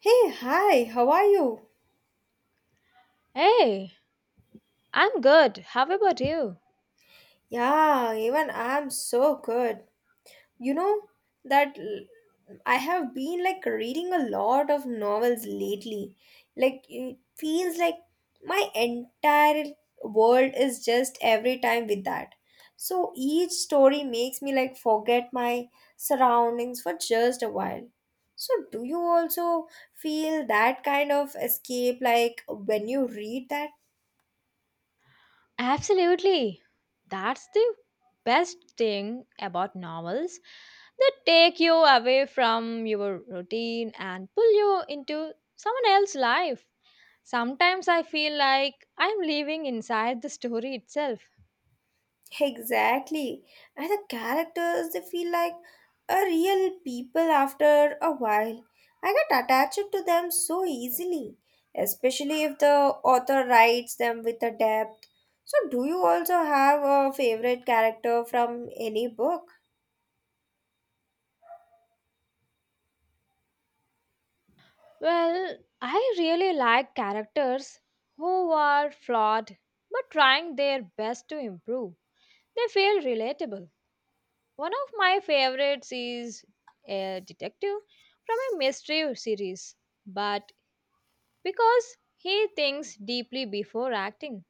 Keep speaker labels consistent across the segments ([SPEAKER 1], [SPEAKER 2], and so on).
[SPEAKER 1] Hey, hi, how are you?
[SPEAKER 2] Hey, I'm good. How about you?
[SPEAKER 1] Yeah, even I'm so good. You know that l- I have been like reading a lot of novels lately. Like it feels like my entire world is just every time with that. So each story makes me like forget my surroundings for just a while. So do you also feel that kind of escape like when you read that?
[SPEAKER 2] Absolutely. That's the best thing about novels. They take you away from your routine and pull you into someone else's life. Sometimes I feel like I'm living inside the story itself.
[SPEAKER 1] Exactly. And the characters, they feel like a real people after a while. I get attached to them so easily, especially if the author writes them with a depth. So, do you also have a favorite character from any book?
[SPEAKER 2] Well, I really like characters who are flawed but trying their best to improve. They feel relatable. One of my favorites is a detective from a mystery series, but because he thinks deeply before acting.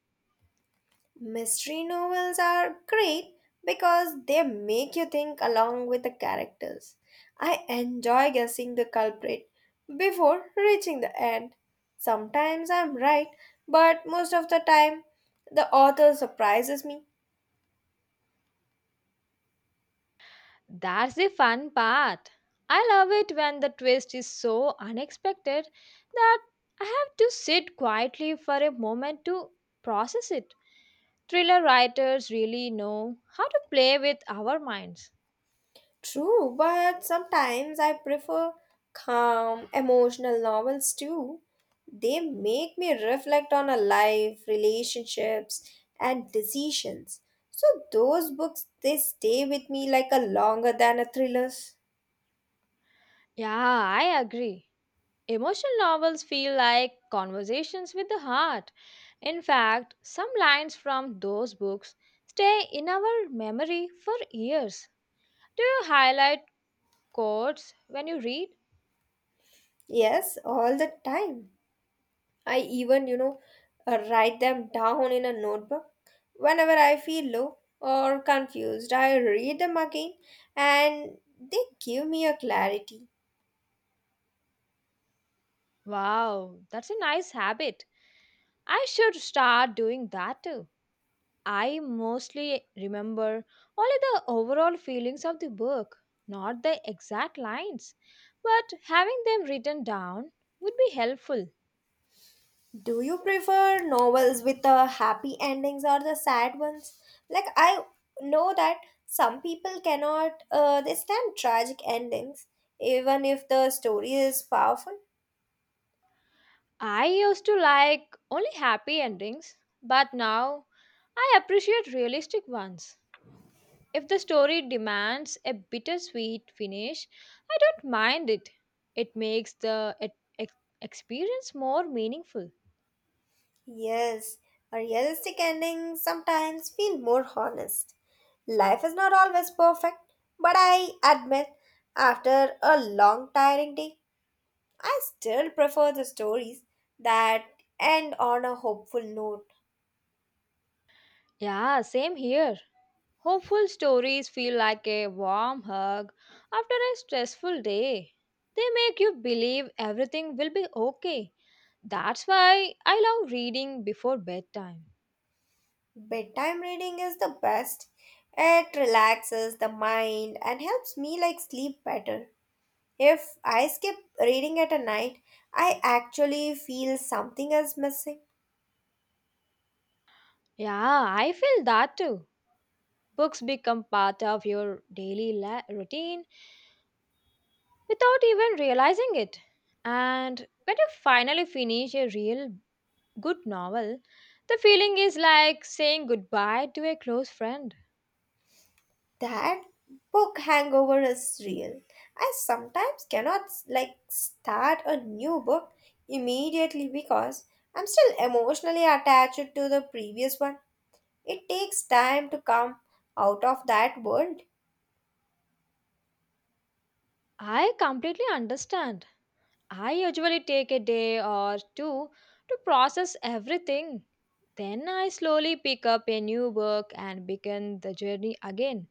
[SPEAKER 1] Mystery novels are great because they make you think along with the characters. I enjoy guessing the culprit before reaching the end. Sometimes I'm right, but most of the time the author surprises me.
[SPEAKER 2] That's the fun part. I love it when the twist is so unexpected that I have to sit quietly for a moment to process it. Thriller writers really know how to play with our minds.
[SPEAKER 1] True, but sometimes I prefer calm, emotional novels too. They make me reflect on a life, relationships, and decisions. So those books they stay with me like a longer than a thrillers.
[SPEAKER 2] Yeah, I agree. Emotional novels feel like conversations with the heart. In fact, some lines from those books stay in our memory for years. Do you highlight quotes when you read?
[SPEAKER 1] Yes, all the time. I even write them down in a notebook. Whenever I feel low or confused, I read them again and they give me a clarity.
[SPEAKER 2] Wow, that's a nice habit. I should start doing that too. I mostly remember only the overall feelings of the book, not the exact lines, but having them written down would be helpful.
[SPEAKER 1] Do you prefer novels with the happy endings or the sad ones? Like I know that some people cannot they stand tragic endings even if the story is powerful.
[SPEAKER 2] I used to like only happy endings, but now I appreciate realistic ones. If the story demands a bittersweet finish, I don't mind it. It makes the ex- experience more meaningful.
[SPEAKER 1] Yes, a realistic ending sometimes feel more honest. Life is not always perfect, but I admit after a long tiring day, I still prefer the stories that end on a hopeful note.
[SPEAKER 2] Yeah, same here. Hopeful stories feel like a warm hug after a stressful day. They make you believe everything will be okay. That's why I love reading before bedtime.
[SPEAKER 1] Bedtime reading is the best. It relaxes the mind and helps me like sleep better. If I skip reading at a night, I actually feel something is missing.
[SPEAKER 2] Yeah, I feel that too. Books become part of your daily routine without even realizing it. And when you finally finish a real good novel, the feeling is like saying goodbye to a close friend.
[SPEAKER 1] That book hangover is real. I sometimes cannot like start a new book immediately because I'm still emotionally attached to the previous one. It takes time to come out of that world.
[SPEAKER 2] I completely understand. I usually take a day or two to process everything. Then I slowly pick up a new book and begin the journey again.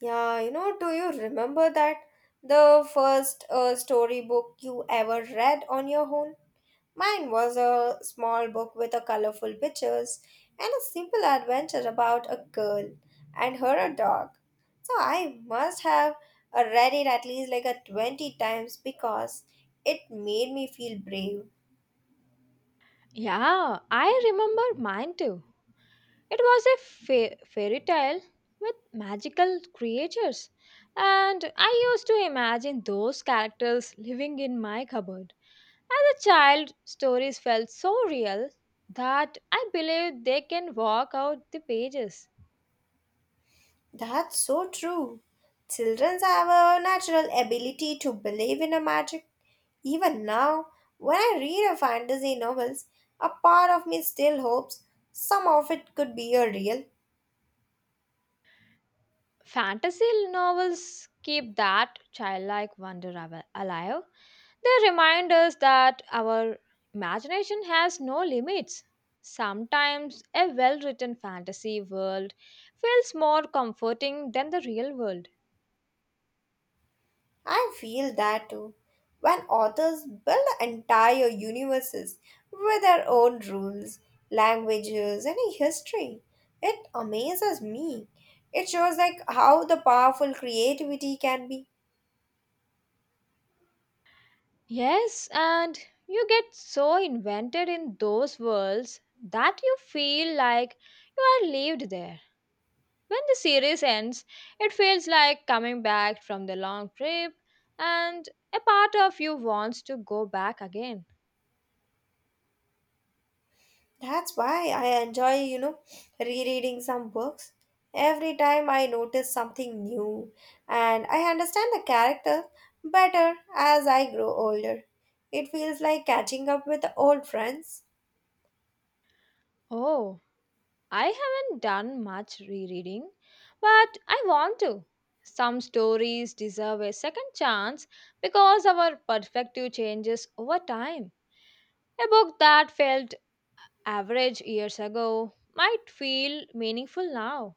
[SPEAKER 1] Yeah, do you remember that the first storybook you ever read on your own? Mine was a small book with a colorful pictures and a simple adventure about a girl and her a dog. So I must have read it at least like a 20 times because it made me feel brave.
[SPEAKER 2] Yeah, I remember mine too. It was a fairy tale with magical creatures, and I used to imagine those characters living in my cupboard. As a child, stories felt so real that I believe they can walk out the pages.
[SPEAKER 1] That's so true. Children have a natural ability to believe in a magic. Even now, when I read a fantasy novels, a part of me still hopes some of it could be a real.
[SPEAKER 2] Fantasy novels keep that childlike wonder alive. They remind us that our imagination has no limits. Sometimes a well written fantasy world feels more comforting than the real world.
[SPEAKER 1] I feel that too. When authors build entire universes with their own rules, languages, and history, it amazes me. It shows like how the powerful creativity can be.
[SPEAKER 2] Yes, and you get so invented in those worlds that you feel like you are lived there. When the series ends, it feels like coming back from the long trip, and a part of you wants to go back again.
[SPEAKER 1] That's why I enjoy rereading some books. Every time I notice something new and I understand the characters better as I grow older. It feels like catching up with old friends.
[SPEAKER 2] Oh, I haven't done much rereading, but I want to. Some stories deserve a second chance because our perspective changes over time. A book that felt average years ago might feel meaningful now.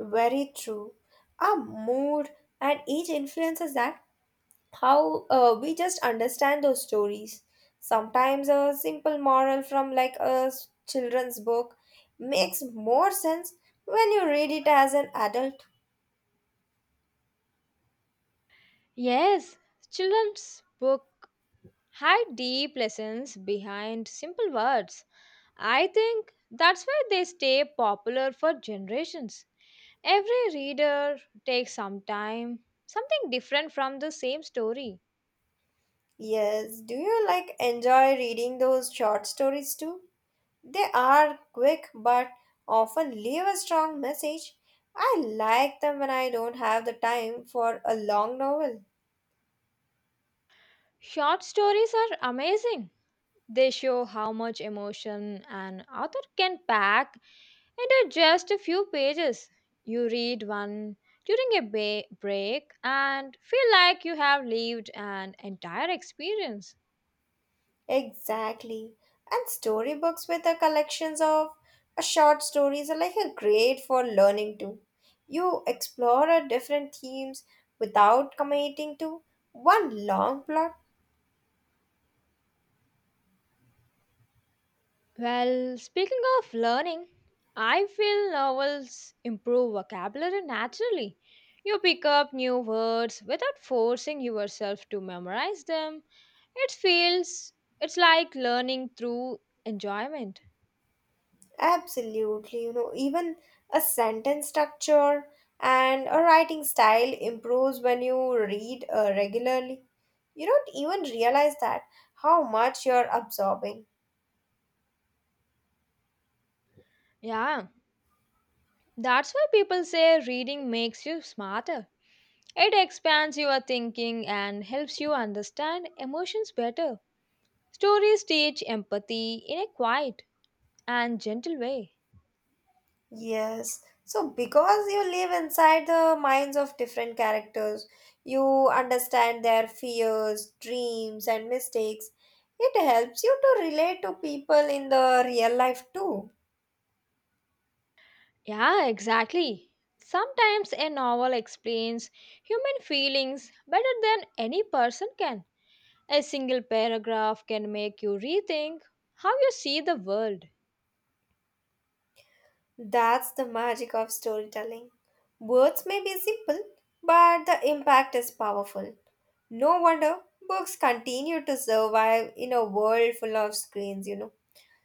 [SPEAKER 1] Very true. Our mood and age influences that how we just understand those stories. Sometimes a simple moral from like a children's book makes more sense when you read it as an adult.
[SPEAKER 2] Yes, children's book hide deep lessons behind simple words. I think that's why they stay popular for generations. Every reader takes some time, something different from the same story.
[SPEAKER 1] Yes, do you like enjoy reading those short stories too? They are quick but often leave a strong message. I like them when I don't have the time for a long novel.
[SPEAKER 2] Short stories are amazing. They show how much emotion an author can pack into just a few pages. You read one during a break and feel like you have lived an entire experience.
[SPEAKER 1] Exactly. And storybooks with the collections of short stories are like a great for learning too. You explore a different themes without committing to one long plot.
[SPEAKER 2] Well, speaking of learning, I feel novels improve vocabulary naturally. You pick up new words without forcing yourself to memorize them. It feels it's like learning through enjoyment.
[SPEAKER 1] Absolutely, even a sentence structure and a writing style improves when you read regularly. You don't even realize that how much you're absorbing.
[SPEAKER 2] Yeah, that's why people say reading makes you smarter. It expands your thinking and helps you understand emotions better. Stories teach empathy in a quiet and gentle way.
[SPEAKER 1] Yes, so because you live inside the minds of different characters, you understand their fears, dreams, and mistakes. It helps you to relate to people in the real life too.
[SPEAKER 2] Yeah, exactly. Sometimes a novel explains human feelings better than any person can. A single paragraph can make you rethink how you see the world.
[SPEAKER 1] That's the magic of storytelling. Words may be simple, but the impact is powerful. No wonder books continue to survive in a world full of screens.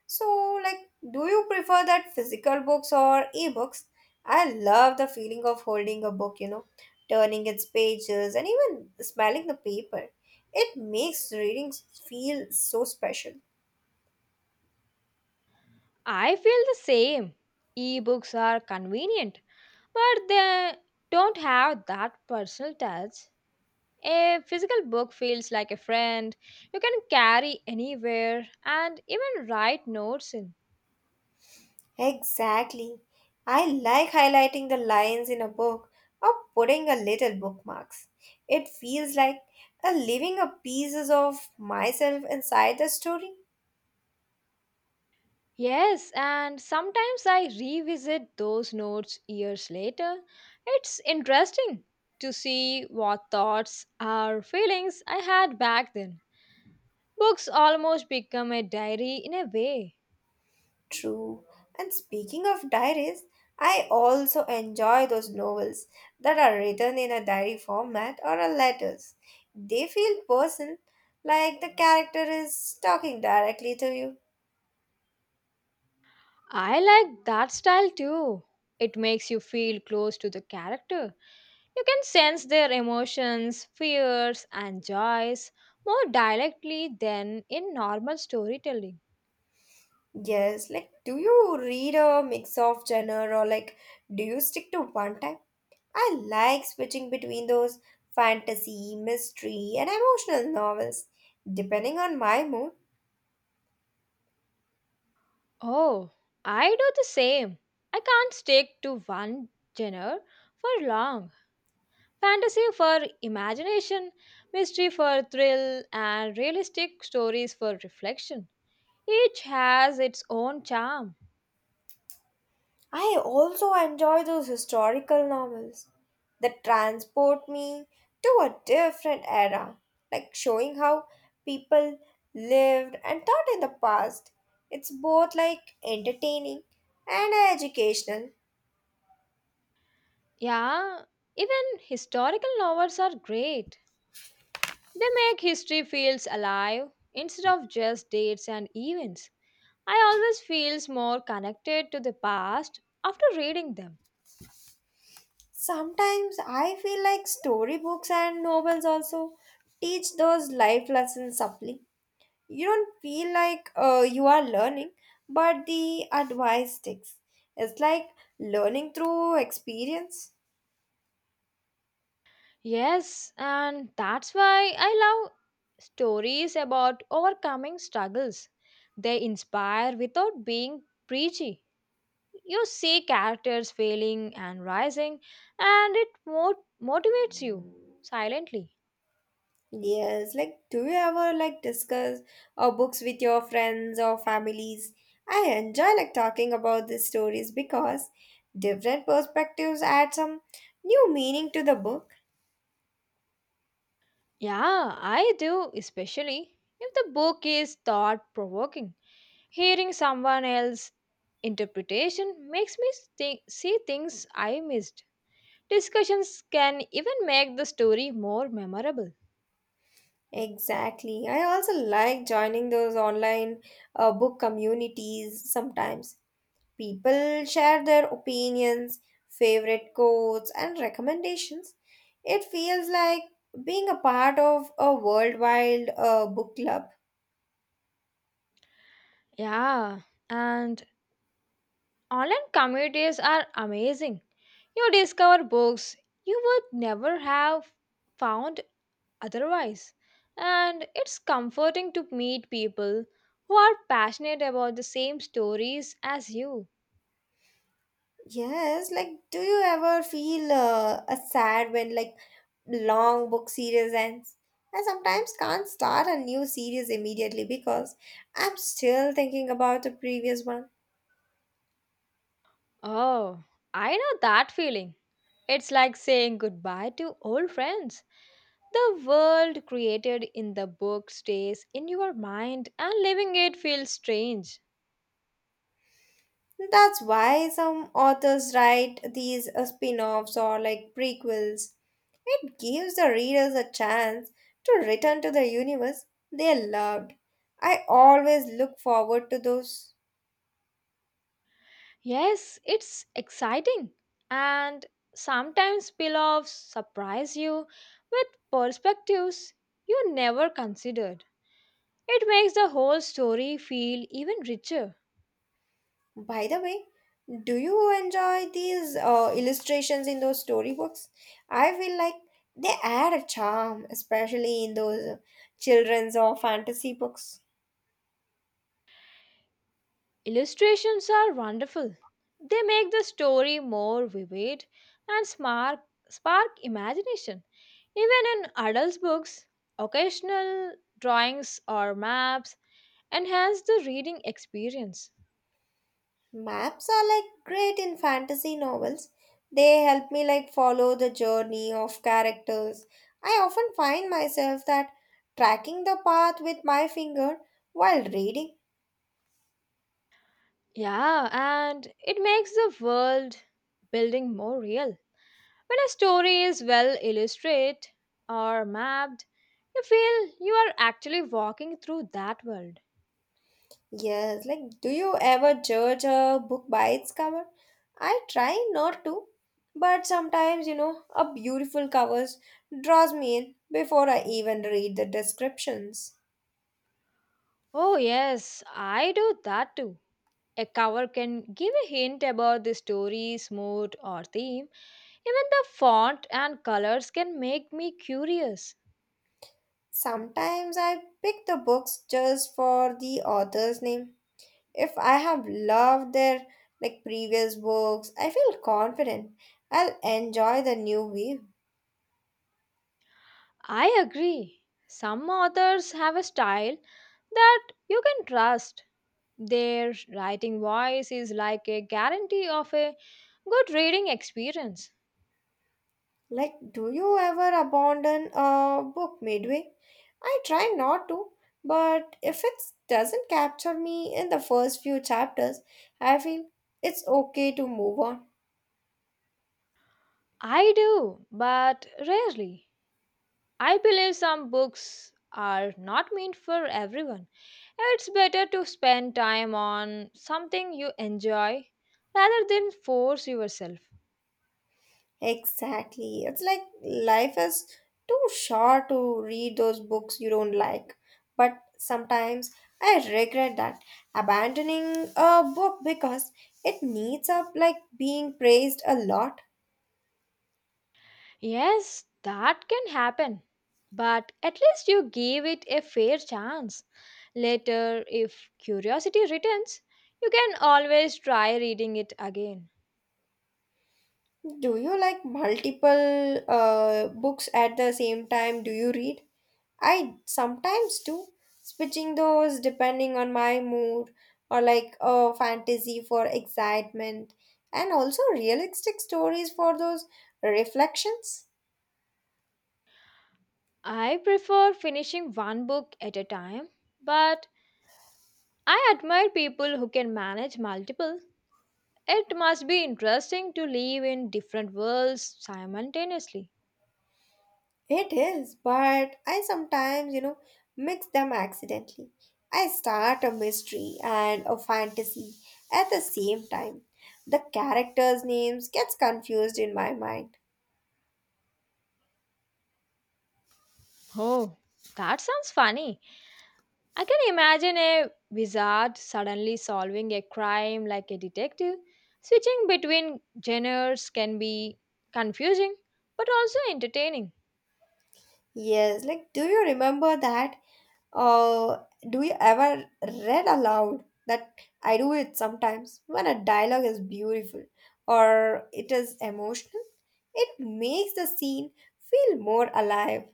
[SPEAKER 1] So, like, do you prefer that physical books or ebooks? I love the feeling of holding a book, turning its pages and even smelling the paper. It makes reading feel so special.
[SPEAKER 2] I feel the same. Ebooks are convenient, but they don't have that personal touch. A physical book feels like a friend you can carry anywhere and even write notes in.
[SPEAKER 1] Exactly. I like highlighting the lines in a book or putting a little bookmarks. It feels like a living a pieces of myself inside the story.
[SPEAKER 2] Yes, and sometimes I revisit those notes years later. It's interesting to see what thoughts or feelings I had back then. Books almost become a diary in a way.
[SPEAKER 1] True. And speaking of diaries, I also enjoy those novels that are written in a diary format or a letters. They feel personal, like the character is talking directly to you.
[SPEAKER 2] I like that style too. It makes you feel close to the character. You can sense their emotions, fears, and joys more directly than in normal storytelling.
[SPEAKER 1] Yes, like do you read a mix of genre or like do you stick to one type? I like switching between those fantasy, mystery, and emotional novels. Depending on my mood,
[SPEAKER 2] Oh, I do the same. I can't stick to one genre for long. Fantasy for imagination, mystery for thrill, and realistic stories for reflection. Each has its own charm.
[SPEAKER 1] I also enjoy those historical novels that transport me to a different era, like showing how people lived and thought in the past. It's both like entertaining and educational.
[SPEAKER 2] Yeah, even historical novels are great. They make history feels alive instead of just dates and events. I always feels more connected to the past after reading them.
[SPEAKER 1] Sometimes I feel like storybooks and novels also teach those life lessons subtly. You don't feel like you are learning, but the advice sticks. It's like learning through experience.
[SPEAKER 2] Yes, and that's why I love stories about overcoming struggles. They inspire without being preachy. You see characters failing and rising, and it motivates you silently.
[SPEAKER 1] Yes, like do you ever like discuss books with your friends or families? I enjoy like talking about these stories because different perspectives add some new meaning to the book.
[SPEAKER 2] Yeah, I do, especially if the book is thought provoking. Hearing someone else's interpretation makes me see things I missed. Discussions can even make the story more memorable.
[SPEAKER 1] Exactly. I also like joining those online book communities sometimes. People share their opinions, favorite quotes, and recommendations. It feels like being a part of a worldwide book club.
[SPEAKER 2] Yeah, and online communities are amazing. You discover books you would never have found otherwise. And it's comforting to meet people who are passionate about the same stories as you.
[SPEAKER 1] Yes, like do you ever feel a sad when like long book series ends? I sometimes can't start a new series immediately because I'm still thinking about the previous one.
[SPEAKER 2] Oh, I know that feeling. It's like saying goodbye to old friends. The world created in the book stays in your mind, and living it feels strange.
[SPEAKER 1] That's why some authors write these spin offs or like prequels. It gives the readers a chance to return to the universe they loved. I always look forward to those.
[SPEAKER 2] Yes, it's exciting, and sometimes pillows surprise you with perspectives you never considered. It makes the whole story feel even richer.
[SPEAKER 1] By the way, do you enjoy these illustrations in those storybooks? I feel like they add a charm, especially in those children's or fantasy books.
[SPEAKER 2] Illustrations are wonderful. They make the story more vivid and spark imagination. Even in adults' books, occasional drawings or maps enhance the reading experience.
[SPEAKER 1] Maps are like great in fantasy novels. They help me like follow the journey of characters. I often find myself that tracking the path with my finger while reading.
[SPEAKER 2] Yeah, and it makes the world building more real. When a story is well illustrated or mapped, you feel you are actually walking through that world.
[SPEAKER 1] Yes, like do you ever judge a book by its cover? I try not to, but sometimes a beautiful cover draws me in before I even read the descriptions.
[SPEAKER 2] Oh, yes, I do that too. A cover can give a hint about the story's mood or theme. Even the font and colors can make me curious.
[SPEAKER 1] Sometimes I pick the books just for the author's name. If I have loved their like previous books, I feel confident I'll enjoy the new wave.
[SPEAKER 2] I agree. Some authors have a style that you can trust. Their writing voice is like a guarantee of a good reading experience.
[SPEAKER 1] Like, do you ever abandon a book midway? I try not to, but if it doesn't capture me in the first few chapters, I feel it's okay to move on.
[SPEAKER 2] I do, but rarely. I believe some books are not meant for everyone. It's better to spend time on something you enjoy rather than force yourself.
[SPEAKER 1] Exactly. It's like life is too short to read those books you don't like. But sometimes I regret that abandoning a book because it needs up like being praised a lot.
[SPEAKER 2] Yes, that can happen. But at least you give it a fair chance. Later, if curiosity returns, you can always try reading it again.
[SPEAKER 1] Do you like multiple books at the same time? Do you read? I sometimes do switching those depending on my mood or like a fantasy for excitement and also realistic stories for those reflections.
[SPEAKER 2] I prefer finishing one book at a time, but I admire people who can manage multiple. It must be interesting to live in different worlds simultaneously.
[SPEAKER 1] It is, but I sometimes mix them accidentally. I start a mystery and a fantasy at the same time. The characters' names gets confused in my mind.
[SPEAKER 2] Oh, that sounds funny. I can imagine a wizard suddenly solving a crime like a detective. Switching between genres can be confusing but also entertaining.
[SPEAKER 1] Yes, Uh, do you ever read aloud? That I do it sometimes when a dialogue is beautiful or it is emotional. It makes the scene feel more alive.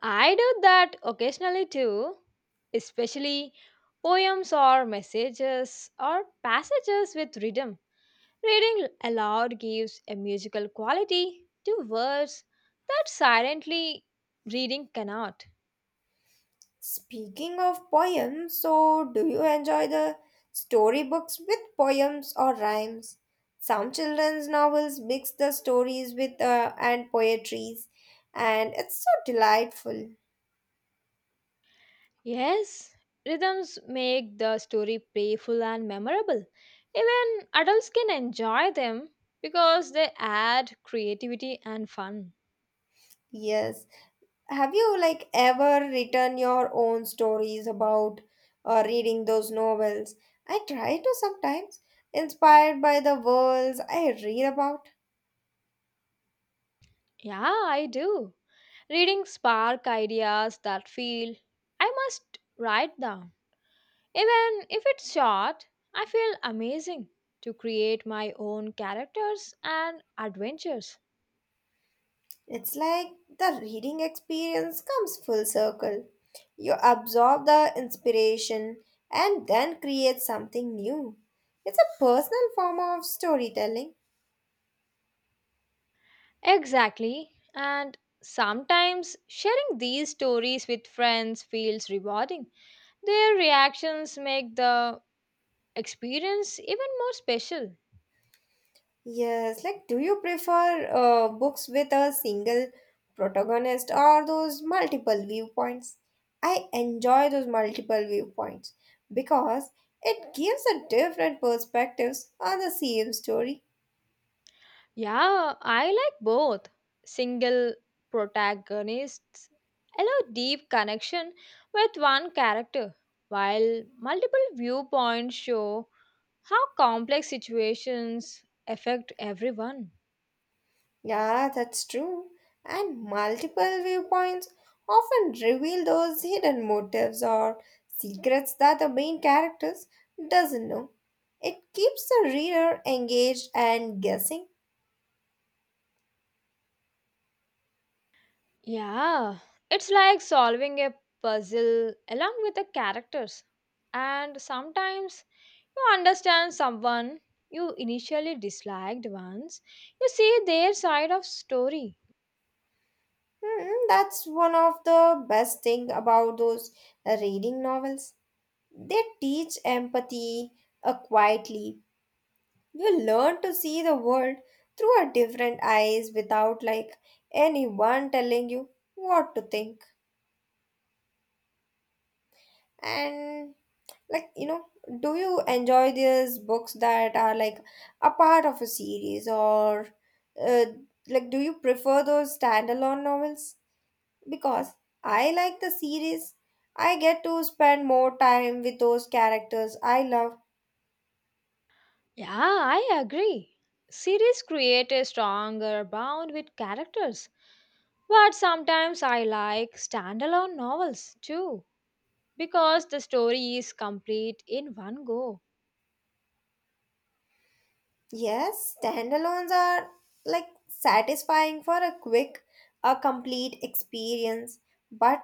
[SPEAKER 2] I do that occasionally too, especially poems or messages or passages with rhythm. Reading aloud gives a musical quality to words that silently reading cannot.
[SPEAKER 1] Speaking of poems, so do you enjoy the storybooks with poems or rhymes? Some children's novels mix the stories with and poetries, and it's so delightful.
[SPEAKER 2] Yes, rhythms make the story playful and memorable. Even adults can enjoy them because they add creativity and fun.
[SPEAKER 1] Yes. Have you like ever written your own stories about reading those novels? I try to sometimes, inspired by the worlds I read about.
[SPEAKER 2] Yeah, I do. Reading spark ideas that feel I must write down. Even if it's short, I feel amazing to create my own characters and adventures.
[SPEAKER 1] It's like the reading experience comes full circle. You absorb the inspiration and then create something new. It's a personal form of storytelling.
[SPEAKER 2] Exactly. And sometimes sharing these stories with friends feels rewarding. Their reactions make the experience even more special.
[SPEAKER 1] Yes, like do you prefer books with a single protagonist or those multiple viewpoints? I enjoy those multiple viewpoints because it gives a different perspectives on the same story.
[SPEAKER 2] Yeah, I like both. Single protagonists allow deep connection with one character, while multiple viewpoints show how complex situations affect everyone.
[SPEAKER 1] Yeah, that's true. And multiple viewpoints often reveal those hidden motives or secrets that the main characters doesn't know. It keeps the reader engaged and guessing.
[SPEAKER 2] Yeah, it's like solving a puzzle along with the characters. And sometimes you understand someone you initially disliked once you see their side of story.
[SPEAKER 1] Hmm, that's one of the best thing about those reading novels. They teach empathy quietly. You learn to see the world through a different eyes without like anyone telling you what to think. And like do you enjoy these books that are like a part of a series or uh, like do you prefer those standalone novels? Because I like the series. I get to spend more time with those characters I love.
[SPEAKER 2] Yeah, I agree. Series create a stronger bond with characters. But sometimes I like standalone novels too, because the story is complete in one go.
[SPEAKER 1] Yes, standalones are like satisfying for a quick, a complete experience, but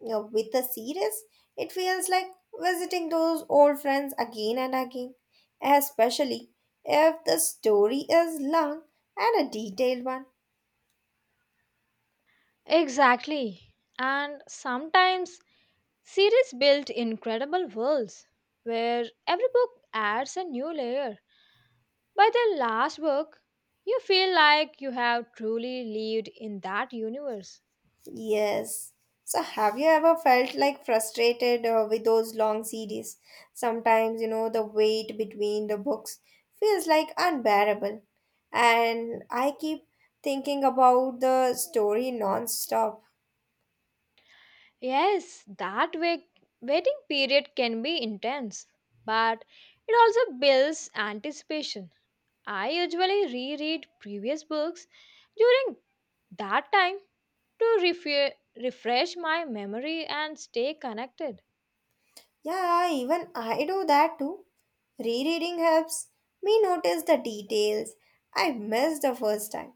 [SPEAKER 1] with a series, it feels like visiting those old friends again and again, especially if the story is long and a detailed one.
[SPEAKER 2] Exactly. And sometimes series build incredible worlds where every book adds a new layer. By the last book, you feel like you have truly lived in that universe.
[SPEAKER 1] Yes. So, have you ever felt like frustrated with those long series? Sometimes, the wait between the books feels like unbearable. And I keep thinking about the story nonstop.
[SPEAKER 2] Yes, that waiting period can be intense, but it also builds anticipation. I usually reread previous books during that time to refresh my memory and stay connected.
[SPEAKER 1] Yeah, even I do that too. Rereading helps me notice the details I missed the first time.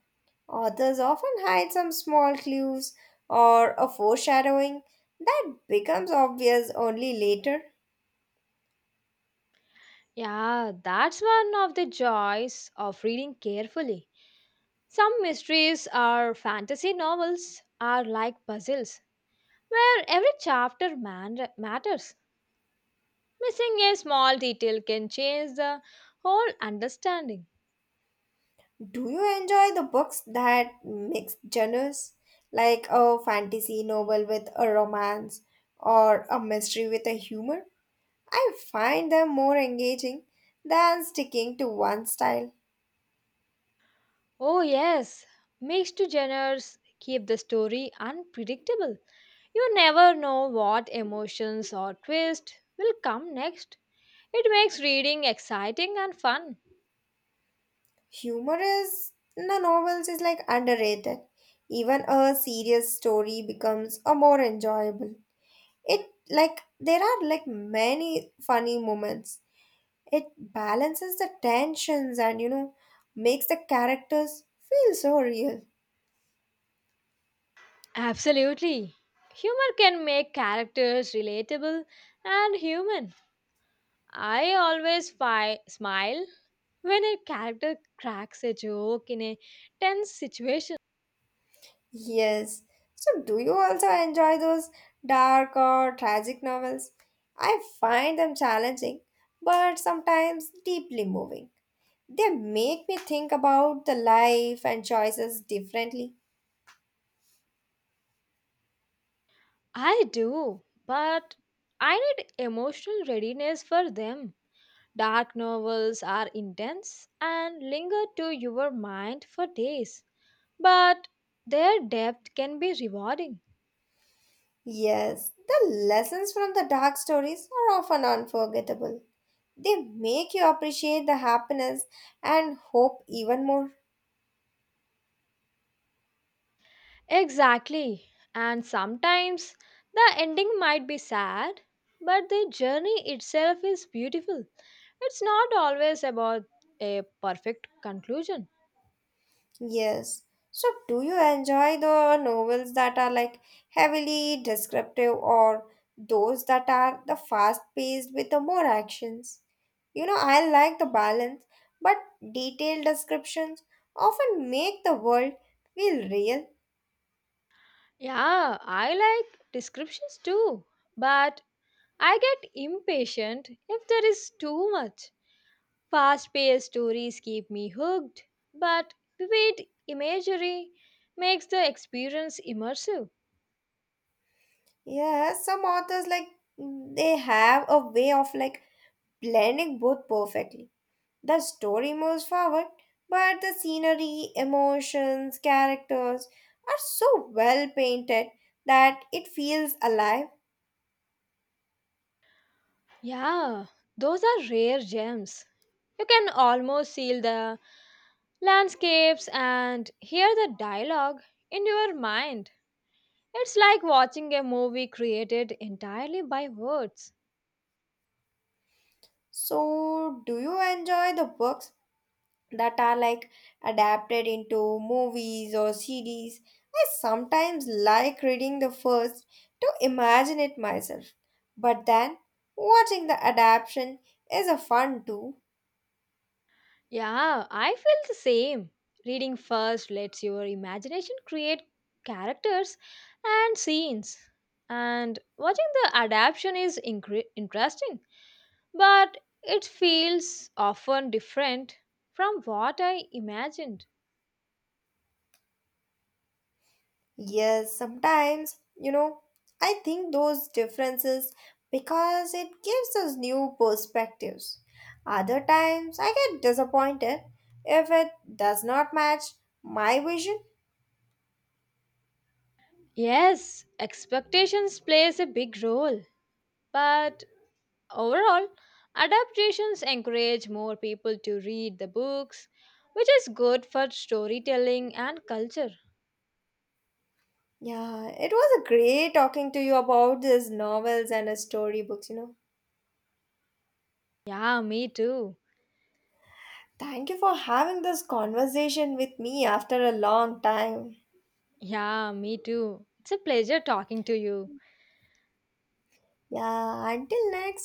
[SPEAKER 1] Authors often hide some small clues or a foreshadowing that becomes obvious only later.
[SPEAKER 2] Yeah, that's one of the joys of reading carefully. Some mysteries or fantasy novels are like puzzles where every chapter matters. Missing a small detail can change the whole understanding.
[SPEAKER 1] Do you enjoy the books that mix genres, like a fantasy novel with a romance or a mystery with a humor? I find them more engaging than sticking to one style.
[SPEAKER 2] Oh, yes, mixed genres keep the story unpredictable. You never know what emotions or twist will come next. It makes reading exciting and fun.
[SPEAKER 1] Humor is in the novels is like underrated. Even a serious story becomes a more enjoyable. It like there are like many funny moments. It balances the tensions and makes the characters feel so real.
[SPEAKER 2] Absolutely. Humor can make characters relatable and human. I always smile when a character cracks a joke in a tense situation.
[SPEAKER 1] Yes. So do you also enjoy those dark or tragic novels? I find them challenging, but sometimes deeply moving. They make me think about the life and choices differently.
[SPEAKER 2] I do, but I need emotional readiness for them. Dark novels are intense and linger to your mind for days, but their depth can be rewarding.
[SPEAKER 1] Yes, the lessons from the dark stories are often unforgettable. They make you appreciate the happiness and hope even more.
[SPEAKER 2] Exactly, and sometimes the ending might be sad, but the journey itself is beautiful. It's not always about a perfect conclusion.
[SPEAKER 1] Yes. So, do you enjoy the novels that are like heavily descriptive or those that are the fast paced with the more actions? I like the balance, but detailed descriptions often make the world feel real.
[SPEAKER 2] Yeah, I like descriptions too, but I get impatient if there is too much. Fast paced stories keep me hooked, but vivid imagery makes the experience immersive.
[SPEAKER 1] Yeah, some authors like they have a way of like blending both perfectly. The story moves forward, but the scenery, emotions, characters are so well painted that it feels alive.
[SPEAKER 2] Yeah, those are rare gems. You can almost see the landscapes and hear the dialogue in your mind. It's like watching a movie created entirely by words.
[SPEAKER 1] So, do you enjoy the books that are like adapted into movies or series? I sometimes like reading the first to imagine it myself, but then watching the adaptation is a fun too.
[SPEAKER 2] Yeah, I feel the same. Reading first lets your imagination create characters and scenes. And watching the adaptation is interesting, but it feels often different from what I imagined.
[SPEAKER 1] Yes, sometimes, I think those differences because it gives us new perspectives. Other times, I get disappointed if it does not match my vision.
[SPEAKER 2] Yes, expectations plays a big role, but overall, adaptations encourage more people to read the books, which is good for storytelling and culture.
[SPEAKER 1] Yeah, it was a great talking to you about these novels and storybooks.
[SPEAKER 2] Yeah, me too.
[SPEAKER 1] Thank you for having this conversation with me after a long time.
[SPEAKER 2] Yeah, me too. It's a pleasure talking to you.
[SPEAKER 1] Yeah, until next.